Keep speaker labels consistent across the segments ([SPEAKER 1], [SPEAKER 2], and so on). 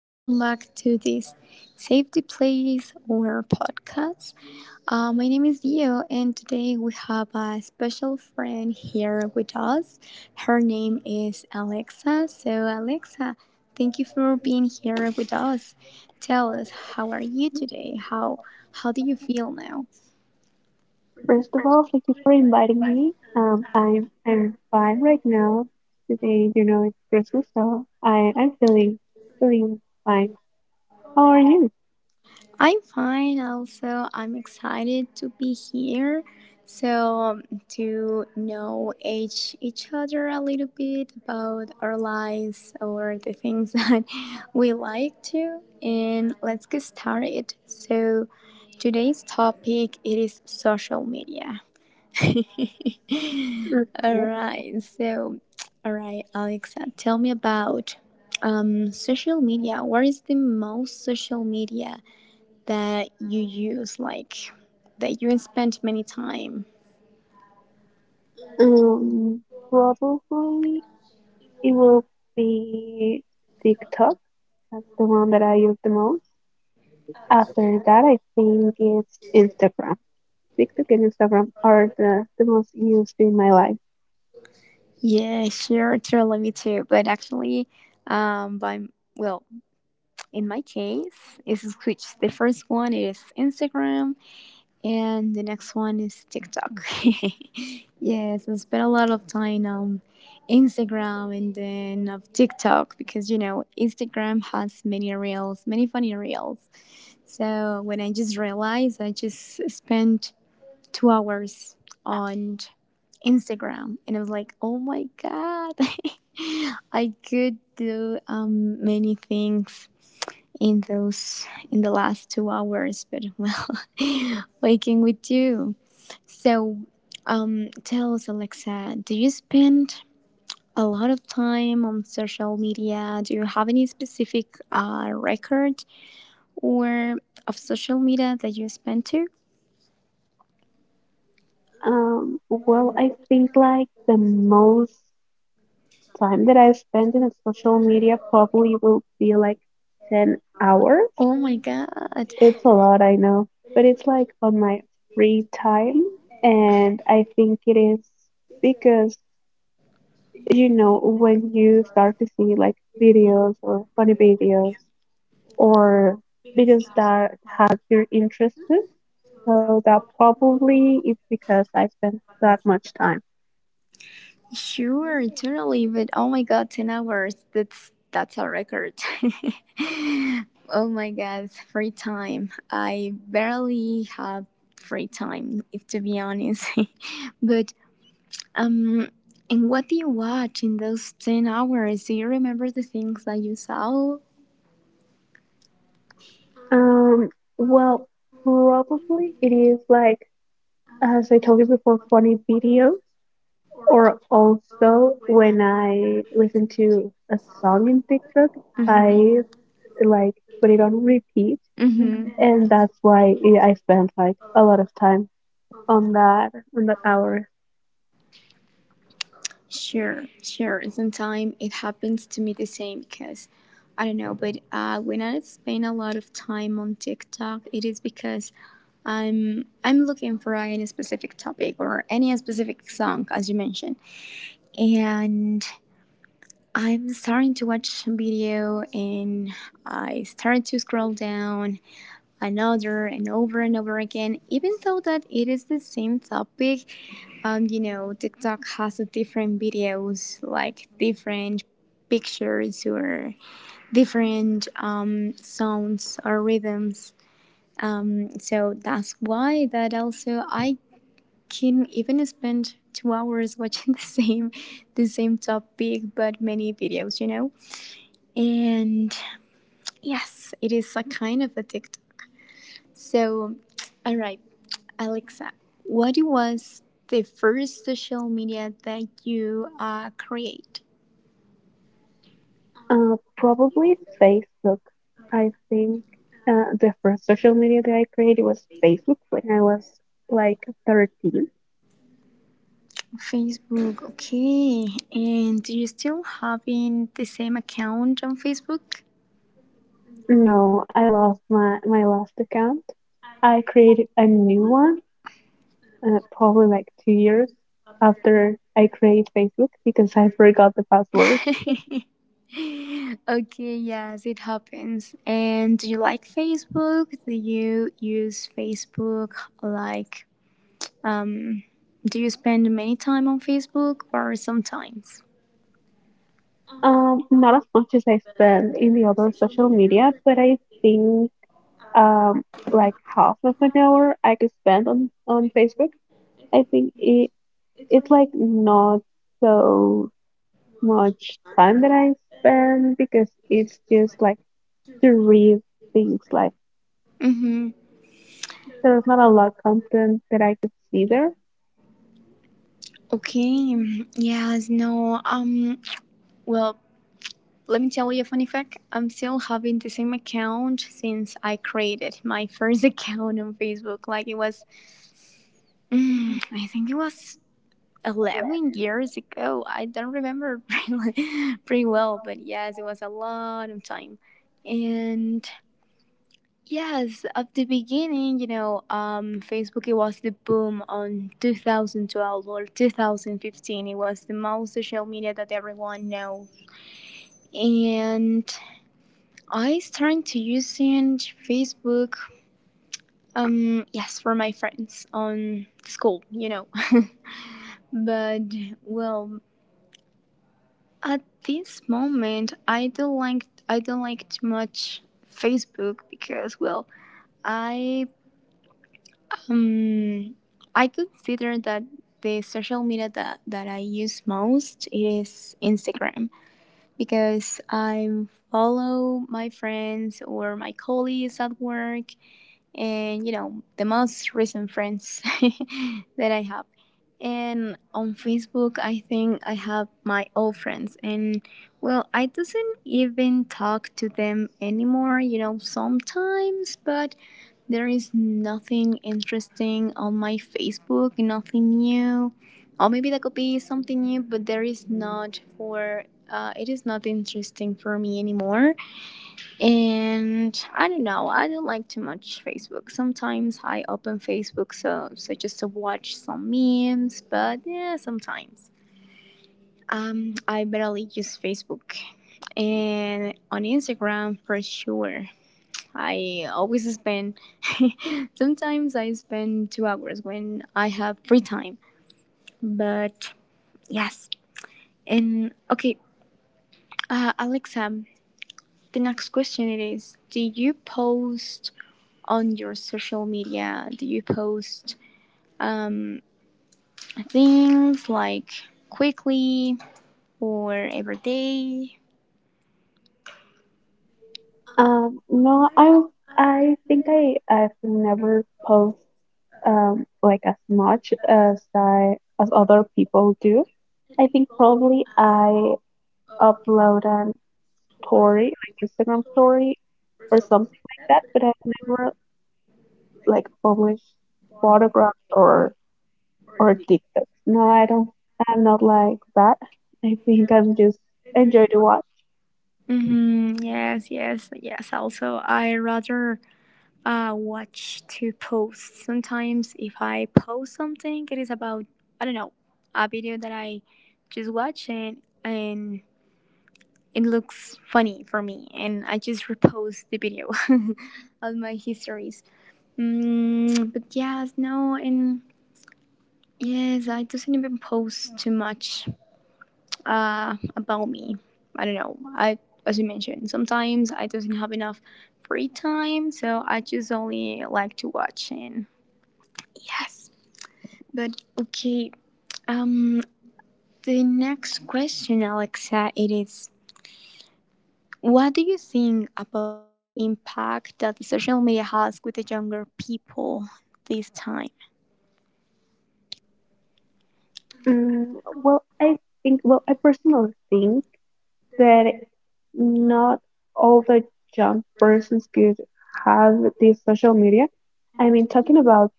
[SPEAKER 1] Welcome back to this Safety Place or podcast. My name is Dio, and today we have a special friend here with us. Her name is Alexa. So, Alexa, thank you for being here with us. Tell us, how are you today? How do you feel now?
[SPEAKER 2] First of all, thank you for inviting me. I'm fine right now. Today, you know, it's Christmas, so I'm feeling feeling fine. How are you?
[SPEAKER 1] I'm fine also. I'm excited to be here. So to know each other a little bit about our lives or the things that we like to, and let's get started. So today's topic it is social media. All
[SPEAKER 2] Okay.
[SPEAKER 1] right. So all right, Alexa, tell me about social media. What is the most social media that you use, like that you spent many time.
[SPEAKER 2] Um, Probably it will be TikTok. That's the one that I use the most. After that, I think it's Instagram. TikTok and Instagram are the most used in my life.
[SPEAKER 1] Yeah, sure, totally me too. But actually, by well, in my case, is which the first one is Instagram, and the next one is TikTok. Yes, I spent a lot of time on Instagram and then of TikTok because you know Instagram has many reels, many funny reels. So when I just realized, I just spent 2 hours on Instagram, and I was like, oh my god, I could do many things in those in the last 2 hours, but well, waking with you. So, tell us, Alexa, do you spend a lot of time on social media? Do you have any specific record or of social media that you spend to?
[SPEAKER 2] Well, I think like the most time that I spend in social media probably will be like 10 hours.
[SPEAKER 1] Oh my god.
[SPEAKER 2] It's a lot, I know, but it's like on my free time. And I think it is because, you know, when you start to see like videos or funny videos or videos that have your interests, so that probably it's because I spend that much time.
[SPEAKER 1] Sure, totally. But oh my god, 10 hours. That's a record. Oh my god, free time. I barely have free time, if to be honest. But um and what do you watch in those 10 hours? Do you remember the things that you saw?
[SPEAKER 2] Um, well, probably it is like, as I told you before, funny videos, or also when I listen to a song in TikTok,
[SPEAKER 1] Mhm.
[SPEAKER 2] I like put it on repeat,
[SPEAKER 1] Mhm.
[SPEAKER 2] and that's why I spend like a lot of time on that hour.
[SPEAKER 1] Sure, sure. Sometimes it happens to me the same because I don't know, but when I spend a lot of time on TikTok, it is because I'm looking for any specific topic or any specific song, as you mentioned, and I'm starting to watch some video and I started to scroll down another and over again, even though that it is the same topic. You know, TikTok has different videos, like different pictures or different sounds or rhythms. So that's why that also I can even spend 2 hours watching the same topic but many videos, you know, and yes, it is a kind of a tiktok. So, all right, Alexa, what was the first social media that you create?
[SPEAKER 2] Probably Facebook. I think the first social media that I created was Facebook when I was like 13.
[SPEAKER 1] Facebook, okay. And do you still having the same account on Facebook?
[SPEAKER 2] No, I lost my last account. I created a new one, probably like 2 years after I created Facebook because I forgot the password.
[SPEAKER 1] Okay, yes, it happens. And do you like Facebook? Do you use Facebook like um do you spend many time on Facebook or sometimes?
[SPEAKER 2] Not as much as I spend in the other social media, but I think um like half of an hour I could spend on Facebook. I think it's like not so much time that I spend because it's just like to read things like
[SPEAKER 1] Mm-hmm.
[SPEAKER 2] there's not a lot of content that I could see there.
[SPEAKER 1] Okay, yes, no, well, let me tell you a funny fact. I'm still having the same account since I created my first account on Facebook. Like it was, I think it was 11 years ago. I don't remember really- pretty well, but yes, it was a lot of time. And yes, at the beginning, you know, Facebook it was the boom on 2012 or 2015. It was the most social media that everyone know, and I started to using Facebook. Yes, for my friends on school, you know, but well, at this moment, I don't like too much Facebook because well, I Um, I consider that the social media that, I use most is Instagram because I follow my friends or my colleagues at work and, you know, the most recent friends that I have. And on Facebook, I think I have my old friends, and well, I doesn't even talk to them anymore, you know, sometimes, but there is nothing interesting on my Facebook, nothing new. Or maybe that could be something new, but there is not for it is not interesting for me anymore. And I don't know, I don't like too much Facebook. Sometimes I open Facebook just to watch some memes, but yeah, sometimes. I barely use Facebook and on Instagram for sure. I always spend sometimes I spend 2 hours when I have free time. But yes. And okay, Alexa, the next question it is do you post on your social media? Do you post um, things like quickly or every day?
[SPEAKER 2] No, I think I've never post like as much as I as other people do. I think probably I upload an story, like Instagram story or something like that, but I've never like published photographs or TikToks. No, I don't. I'm not like that. I think I'm just enjoy to watch.
[SPEAKER 1] Mm-hmm. Yes, yes, yes. Also, I rather I watch to post. Sometimes if I post something, it is about I don't know a video that I just watch and it looks funny for me, and I just repost the video on my histories. But yes, no, and yes, I doesn't even post too much about me. I don't know. I as you mentioned, sometimes I doesn't have enough free time, so I just only like to watch and yes. But okay, um, the next question, Alexa, it is: what do you think about the impact that the social media has with the younger people this time?
[SPEAKER 2] Mm, well, I personally think that not all the young persons could have this social media. I mean, talking about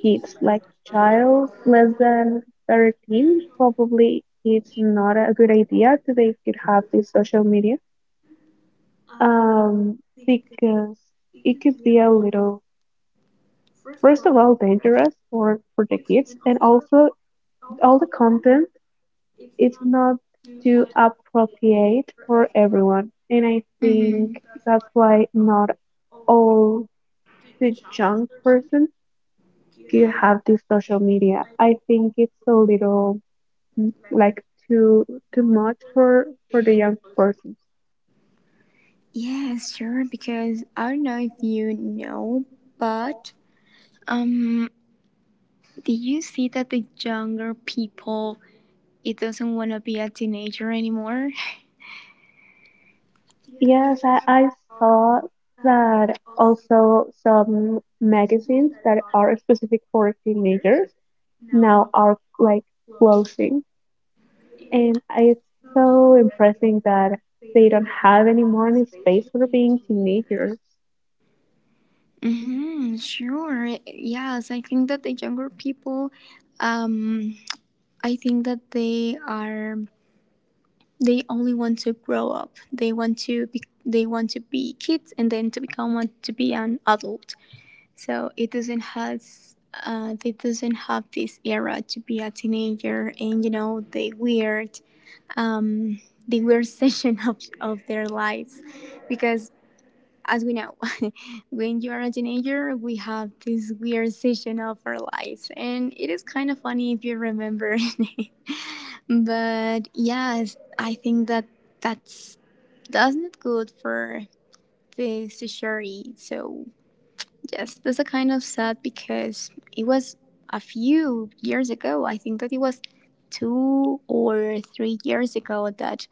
[SPEAKER 2] kids, like child less than 13, probably it's not a good idea that they could have this social media. Um, because it could be a little, first of all, dangerous for the kids, and also all the content it's not too appropriate for everyone. And I
[SPEAKER 1] Mm-hmm.
[SPEAKER 2] think that's why not all the young person could have this social media. I think it's a little, like too too much for the young persons.
[SPEAKER 1] Yeah, sure. Because I don't know if you know, but um, do you see that the younger people it doesn't want to be a teenager anymore?
[SPEAKER 2] Yes, I saw that also some magazines that are specific for teenagers now are like closing. And it's so impressive that they don't have any more any space for being teenagers.
[SPEAKER 1] Mm-hmm, sure. Yes, I think that the younger people um I think that they are they only want to grow up. They want to be they want to be kids and then to become want to be an adult. So it doesn't has they doesn't have this era to be a teenager and you know um, the weird session of their lives because as we know, when you are a teenager, we have this weird season of our lives, and it is kind of funny if you remember. But yes, I think that that's that's not good for the society. So yes, that's a kind of sad because it was a few years ago. I think that it was 2 or 3 years ago that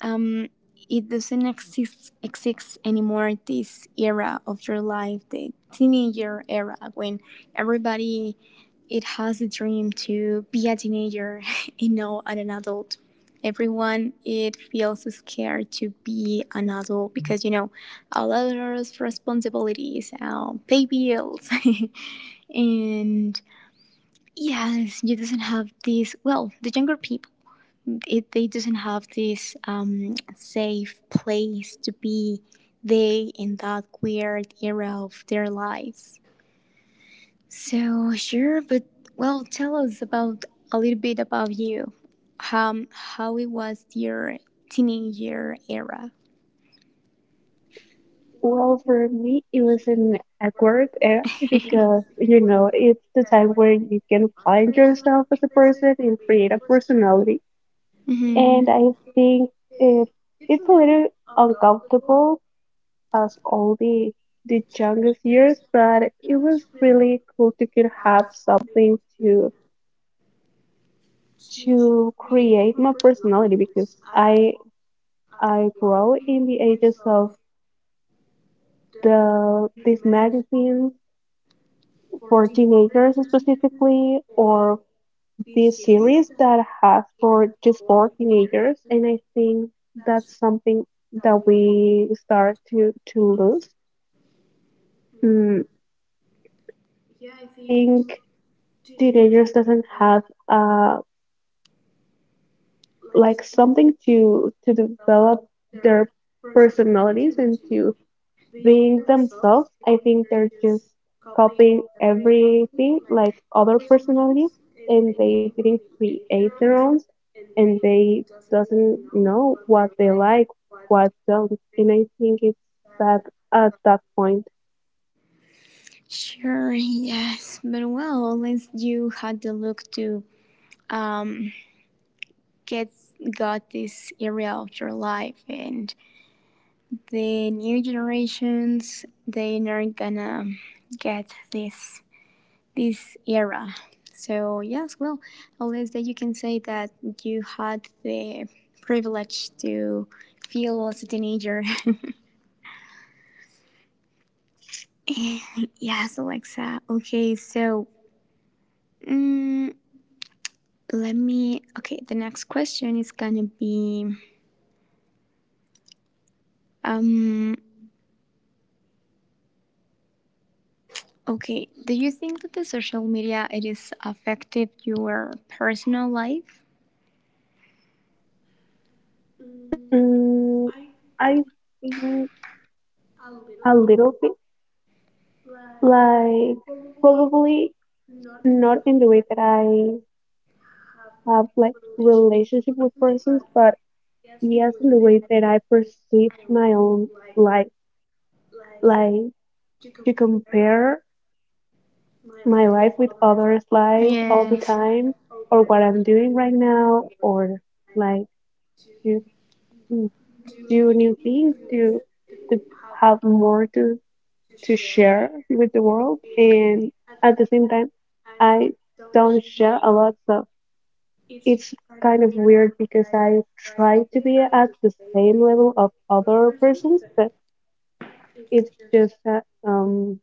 [SPEAKER 1] um, it doesn't exist anymore this era of your life the teenager era when everybody it has a dream to be a teenager and not an adult everyone it feels scared to be an adult because you know a lot of responsibilities pay bills and yes you doesn't have this well the younger people it, they doesn't have this safe place to be they in that weird era of their lives. So sure, but well, tell us about a little bit about you. How it was your teenager era.
[SPEAKER 2] Well, for me, it was an awkward era because, you know, it's the time where you can find yourself as a person and create a personality.
[SPEAKER 1] Hmm.
[SPEAKER 2] And I think it, it's a little uncomfortable as all the youngest years, but it was really cool to could have something to create my personality because I grow in the ages of these magazines for teenagers specifically, or these series that has for just for teenagers. And I think that's something that we start to lose. Mm, yeah, I think teenagers doesn't have uh like something to develop their personalities and to being themselves. I think they're just copying everything like other personalities, and they didn't create their own, and they doesn't know what they like, what don't. And I think it's that at that point.
[SPEAKER 1] Sure, yes, but well, once you had the look to um, get got this area of your life and the new generations they aren't gonna get this era. So yes, well, unless that you can say that you had the privilege to feel as a teenager. Yes, Alexa. Okay, so mm, let me. Okay, the next question is gonna be. Um, okay, do you think that the social media it is affected your personal life?
[SPEAKER 2] Mm, I think a little bit, like probably not in the way that I have like relationship with persons, but yes, in the way that I perceive my own life. Like to compare my life with others' life all the
[SPEAKER 1] Yes.
[SPEAKER 2] time, or what I'm doing right now, or like to mm, do new things, to have more to share with the world. And at the same time, I don't share a lot, so it's kind of weird because I try to be at the same level of other persons, but it's just um,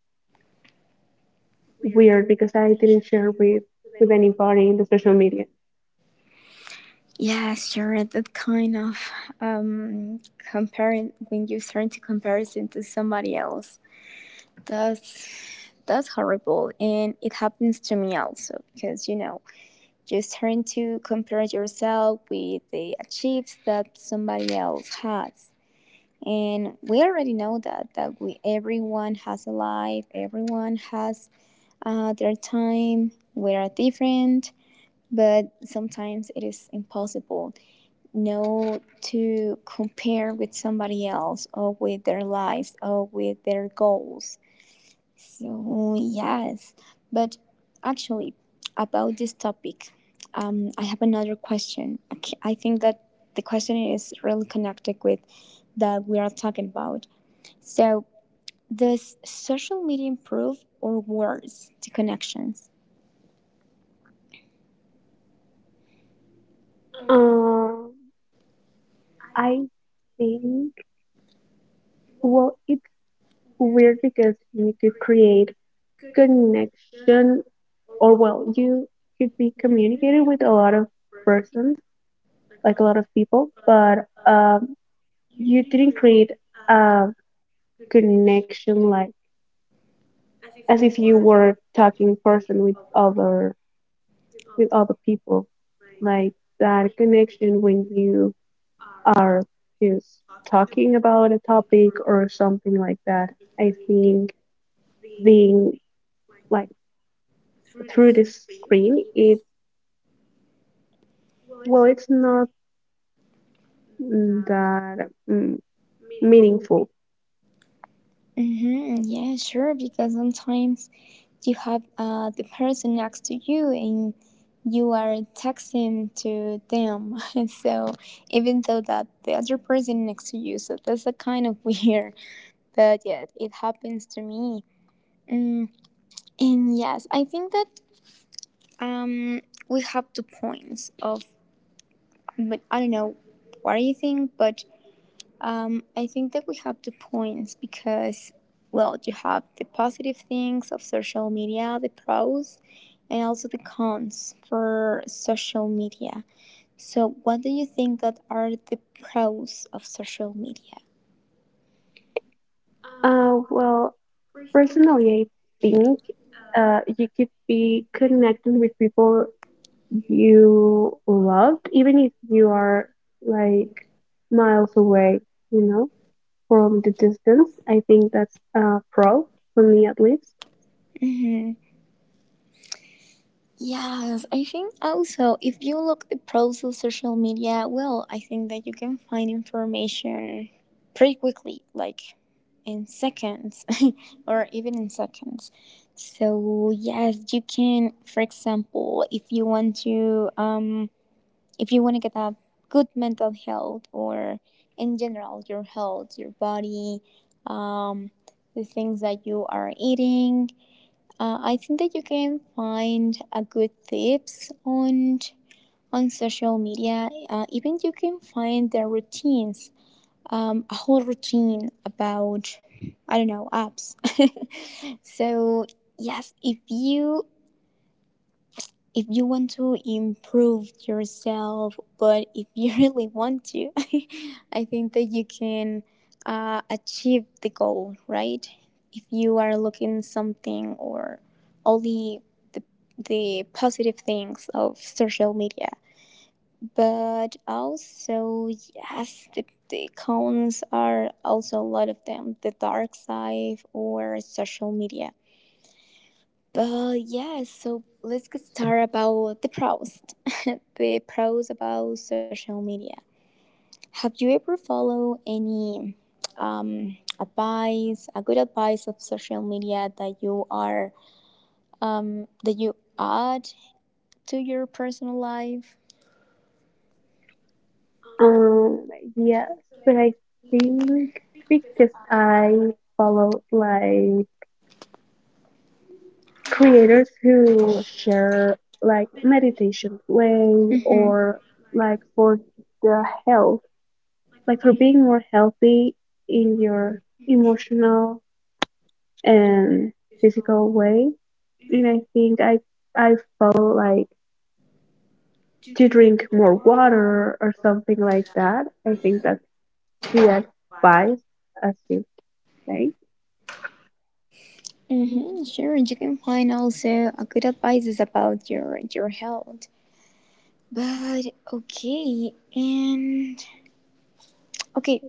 [SPEAKER 2] weird because I didn't share with anybody in the social media.
[SPEAKER 1] Yeah, sure. That kind of um comparing when you start to comparison to somebody else. That's that's horrible and it happens to me also because you know just trying to compare yourself with the achievements that somebody else has and we already know that we everyone has a life everyone has their time we are different but sometimes it is impossible know to compare with somebody else or with their lives or with their goals. So, yes, but actually, about this topic, I have another question. I think that the question is really connected with that we are talking about. So, does social media improve or worse the connections?
[SPEAKER 2] Um, I think well, it's weird because you could create connection, or well, you could be communicating with a lot of persons, like a lot of people, but you didn't create a connection like as if you were talking person with other people, like that connection when you are just talking about a topic or something like that. I think being like through the screen, it well, it's not that meaningful.
[SPEAKER 1] Mm-hmm. Yeah, sure. Because sometimes you have the person next to you and you are texting to them. So even though that the other person next to you, so that's a kind of weird. But yeah, it happens to me. Mm, and yes, I think that um, we have two points of, but I don't know what do you think, but I think that we have two points because, well, you have the positive things of social media, the pros, and also the cons for social media. So, what do you think that are the pros of social media?
[SPEAKER 2] Well, personally, I think you could be connected with people you love, even if you are like miles away, you know, from the distance. I think that's a pro for me at least.
[SPEAKER 1] Mhm. Yes, I think also if you look the pros of social media, well, I think that you can find information pretty quickly, like in seconds or even in seconds. So yes, you can, for example, if you want to, if you want to get a good mental health or in general your health, your body, um, the things that you are eating, I think that you can find a good tips on social media. Even you can find their routines, a whole routine about I don't know apps. So yes, if you want to improve yourself, but if you really want to, I think that you can achieve the goal, right? If you are looking something or only the, the positive things of social media, but also yes, the cons are also a lot of them, the dark side or social media but yes. So let's get started about the pros. The pros about social media. Have you ever followed any advice, a good advice of social media that you are that you add to your personal life?
[SPEAKER 2] Um, yes, but I think because I follow like creators who share like meditation way,
[SPEAKER 1] Mm-hmm.
[SPEAKER 2] or like for the health, like for being more healthy in your emotional and physical way. And I think I follow like to drink more water or something like that. I think that's the advice as you say.
[SPEAKER 1] Mm-hmm, sure, you can find also a good advice is about your health. But okay, and okay,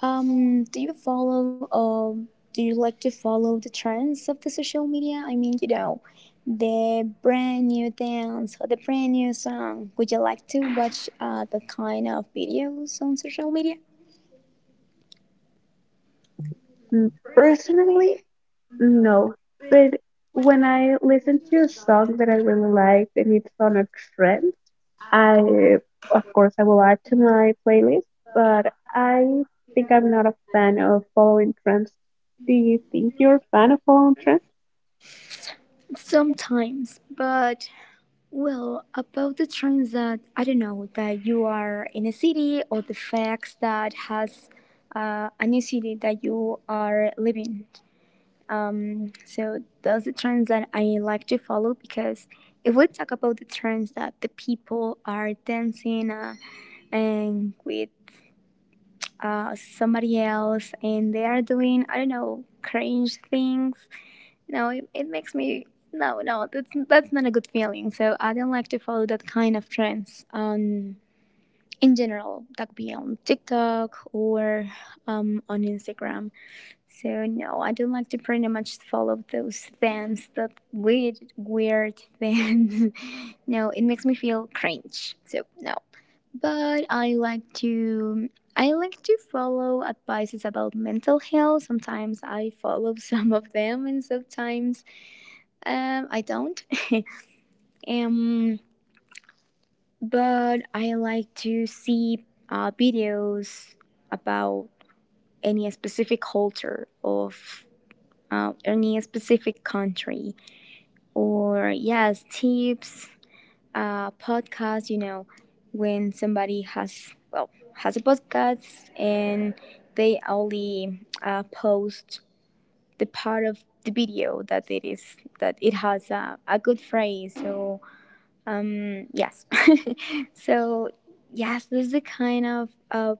[SPEAKER 1] Do you follow do you like to follow the trends of the social media? I mean, the brand new dance or the brand new song. Would you like to watch the kind of videos on social media?
[SPEAKER 2] Personally, no. But when I listen to a song that I really like and it's on a trend, I, of course, I will add to my playlist, but I think I'm not a fan of following trends. Do you think you're a fan of following trends?
[SPEAKER 1] Sometimes, but well, about the trends that I don't know that you are in a city or the facts that has a new city that you are living. So those are trends that I like to follow because if we talk about the trends that the people are dancing and with somebody else and they are doing I don't know cringe things, no, it makes me no no, that's that's not a good feeling. So I don't like to follow that kind of trends on in general, that could be on TikTok or on Instagram. So no, I don't like to pretty much follow those fans, that weird, weird fans. No, it makes me feel cringe. So no. But I like to follow advices about mental health. Sometimes I follow some of them, and sometimes I don't. um, but I like to see videos about any specific culture of any specific country or yes tips podcast you know when somebody has well has a podcast and they only post the part of the video that it is that it has a good phrase so yes so yes this is the kind of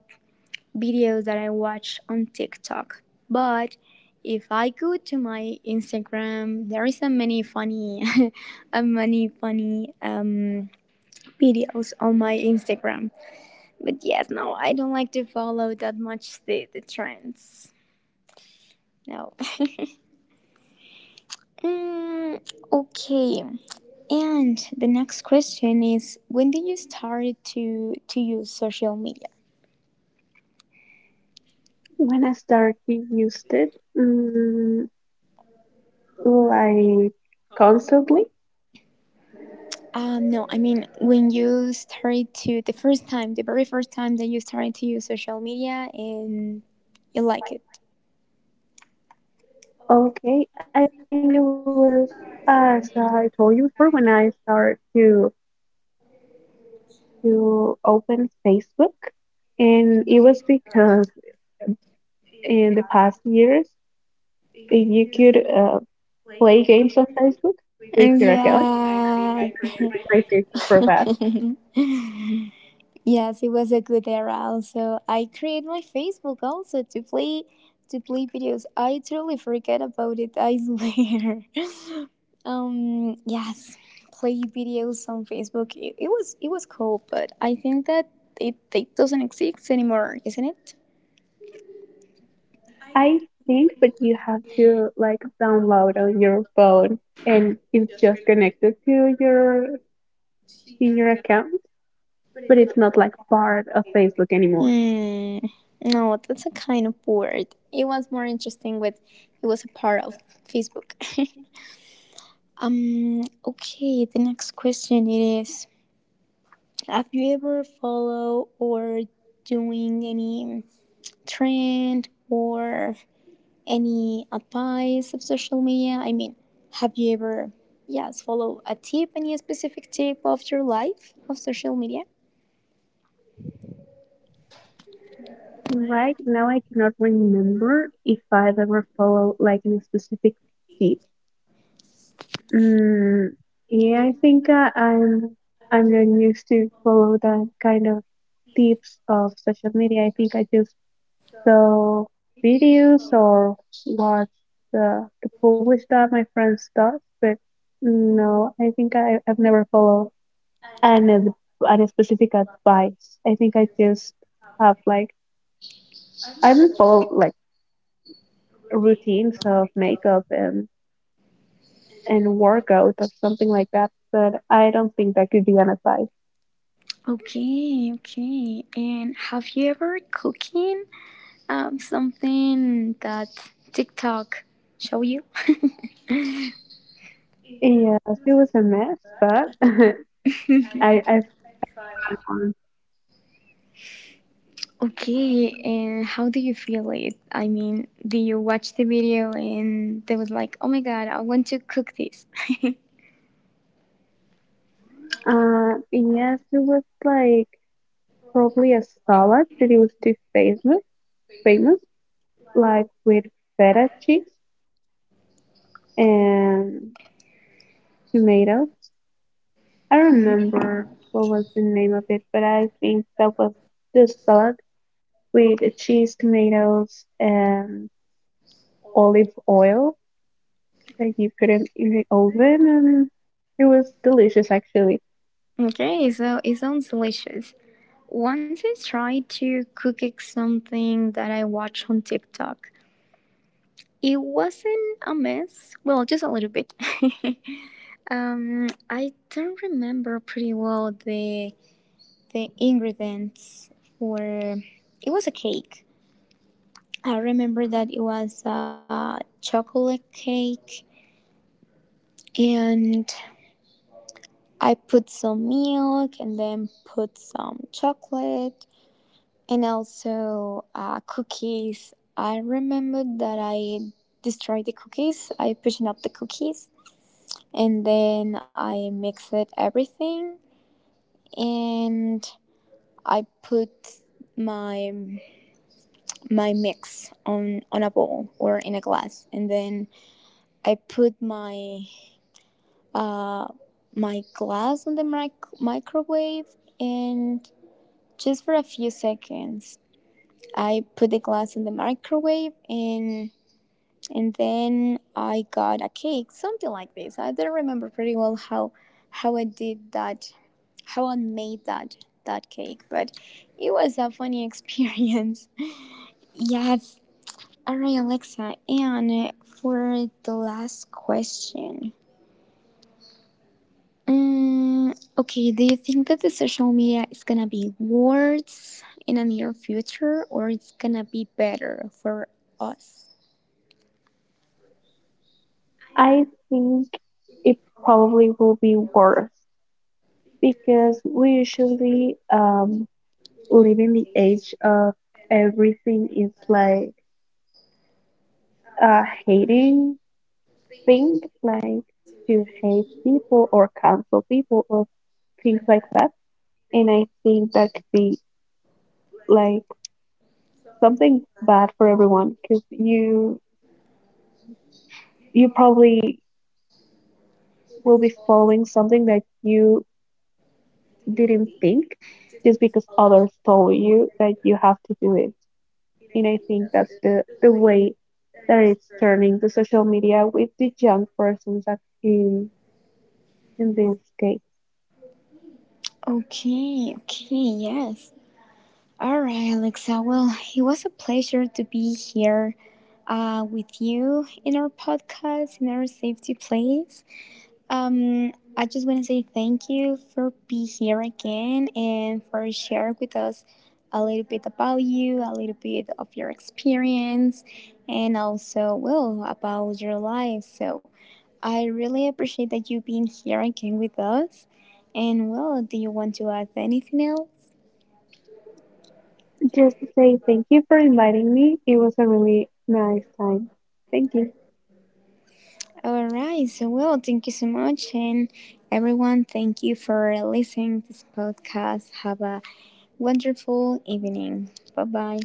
[SPEAKER 1] videos that I watch on TikTok. But if I go to my Instagram, there is a many funny, a many funny videos on my Instagram. But yes, no, I don't like to follow that much the trends. No. Mm, okay. And the next question is, when did you start to use social media?
[SPEAKER 2] When I started used it, mm, like constantly,
[SPEAKER 1] No, I mean when you started to the first time, the very first time that you started to use social media and you like it.
[SPEAKER 2] okay, I think it was, as I told you before, when I started to open Facebook, and it was because in the past years you could play games on Facebook with your account, and I
[SPEAKER 1] Yeah.
[SPEAKER 2] think I create my Facebook for that.
[SPEAKER 1] Yes, it was a good era also. I create my Facebook also to play videos. I totally forget about it, I swear. Yes, play videos on Facebook. It was cool, but I think that it doesn't exist anymore, isn't it?
[SPEAKER 2] I think, but you have to like download on your phone, and it's just connected to your account, but it's not like part of Facebook anymore.
[SPEAKER 1] Hmm. No, that's a kind of word. It was more interesting with it was a part of Facebook. Okay, the next question it is have you ever follow or doing any trend or any advice of social media? I mean, have you ever yes follow a tip, any specific tip of your life of social media?
[SPEAKER 2] Right now, I cannot remember if I've ever followed like any specific tip. Mm, yeah, I think I'm not used to follow that kind of tips of social media. I think I just saw videos or watch the publish that my friends does, but no, I think I've never followed an ad- an specific advice. I think I just have like I even follow like routines of makeup and workout or something like that, but I don't think that could be an advice.
[SPEAKER 1] Okay, okay. And have you ever cooking something that TikTok show you?
[SPEAKER 2] Yes, it was a mess, but I I tried one.
[SPEAKER 1] Okay, and how do you feel it? I mean, do you watch the video and they was like, "Oh my god, I want to cook this."
[SPEAKER 2] Yes, it was like probably a salad that it was too famous, famous, like with feta cheese and tomatoes. I remember what was the name of it, but I think that was the salad with the cheese, tomatoes, and olive oil that you put in the oven, and it was delicious actually.
[SPEAKER 1] Okay, so it sounds delicious. Once I tried to cook something that I watched on TikTok. It wasn't a mess, well, just a little bit. I don't remember pretty well the ingredients for it was a cake. I remember that it was a chocolate cake, and I put some milk and then put some chocolate and also cookies. I remember that I destroyed the cookies. I pushing up the cookies and then I mixed everything, and I put my my mix on a bowl or in a glass, and then I put my uh, my glass on the microwave, and just for a few seconds. I put the glass in the microwave, and then I got a cake, something like this. I don't remember pretty well how I did that, how I made that that cake, but it was a funny experience. Yes. All right, Alexa, and for the last question, mm, okay, do you think that the social media is gonna be worse in the near future or it's gonna be better for us?
[SPEAKER 2] I think it probably will be worse because we usually live in the age of everything is like a hating thing, like to hate people or cancel people or things like that. And I think that could be like something bad for everyone because you probably will be following something that you didn't think just because others told you that you have to do it. And I think that's the way that it's turning the social media with the young persons in, in this case.
[SPEAKER 1] Okay, okay, yes. All right, Alexa. Well, it was a pleasure to be here with you in our podcast, in our safety place. I just want to say thank you for being here again and for sharing with us a little bit about you, a little bit of your experience, and also, well, about your life. So I really appreciate that you being here again with us. And, well, do you want to add anything else?
[SPEAKER 2] Just to say thank you for inviting me. It was a really nice time. Thank you.
[SPEAKER 1] All right. So, well, thank you so much. And everyone, thank you for listening to this podcast. Have a wonderful evening. Bye bye.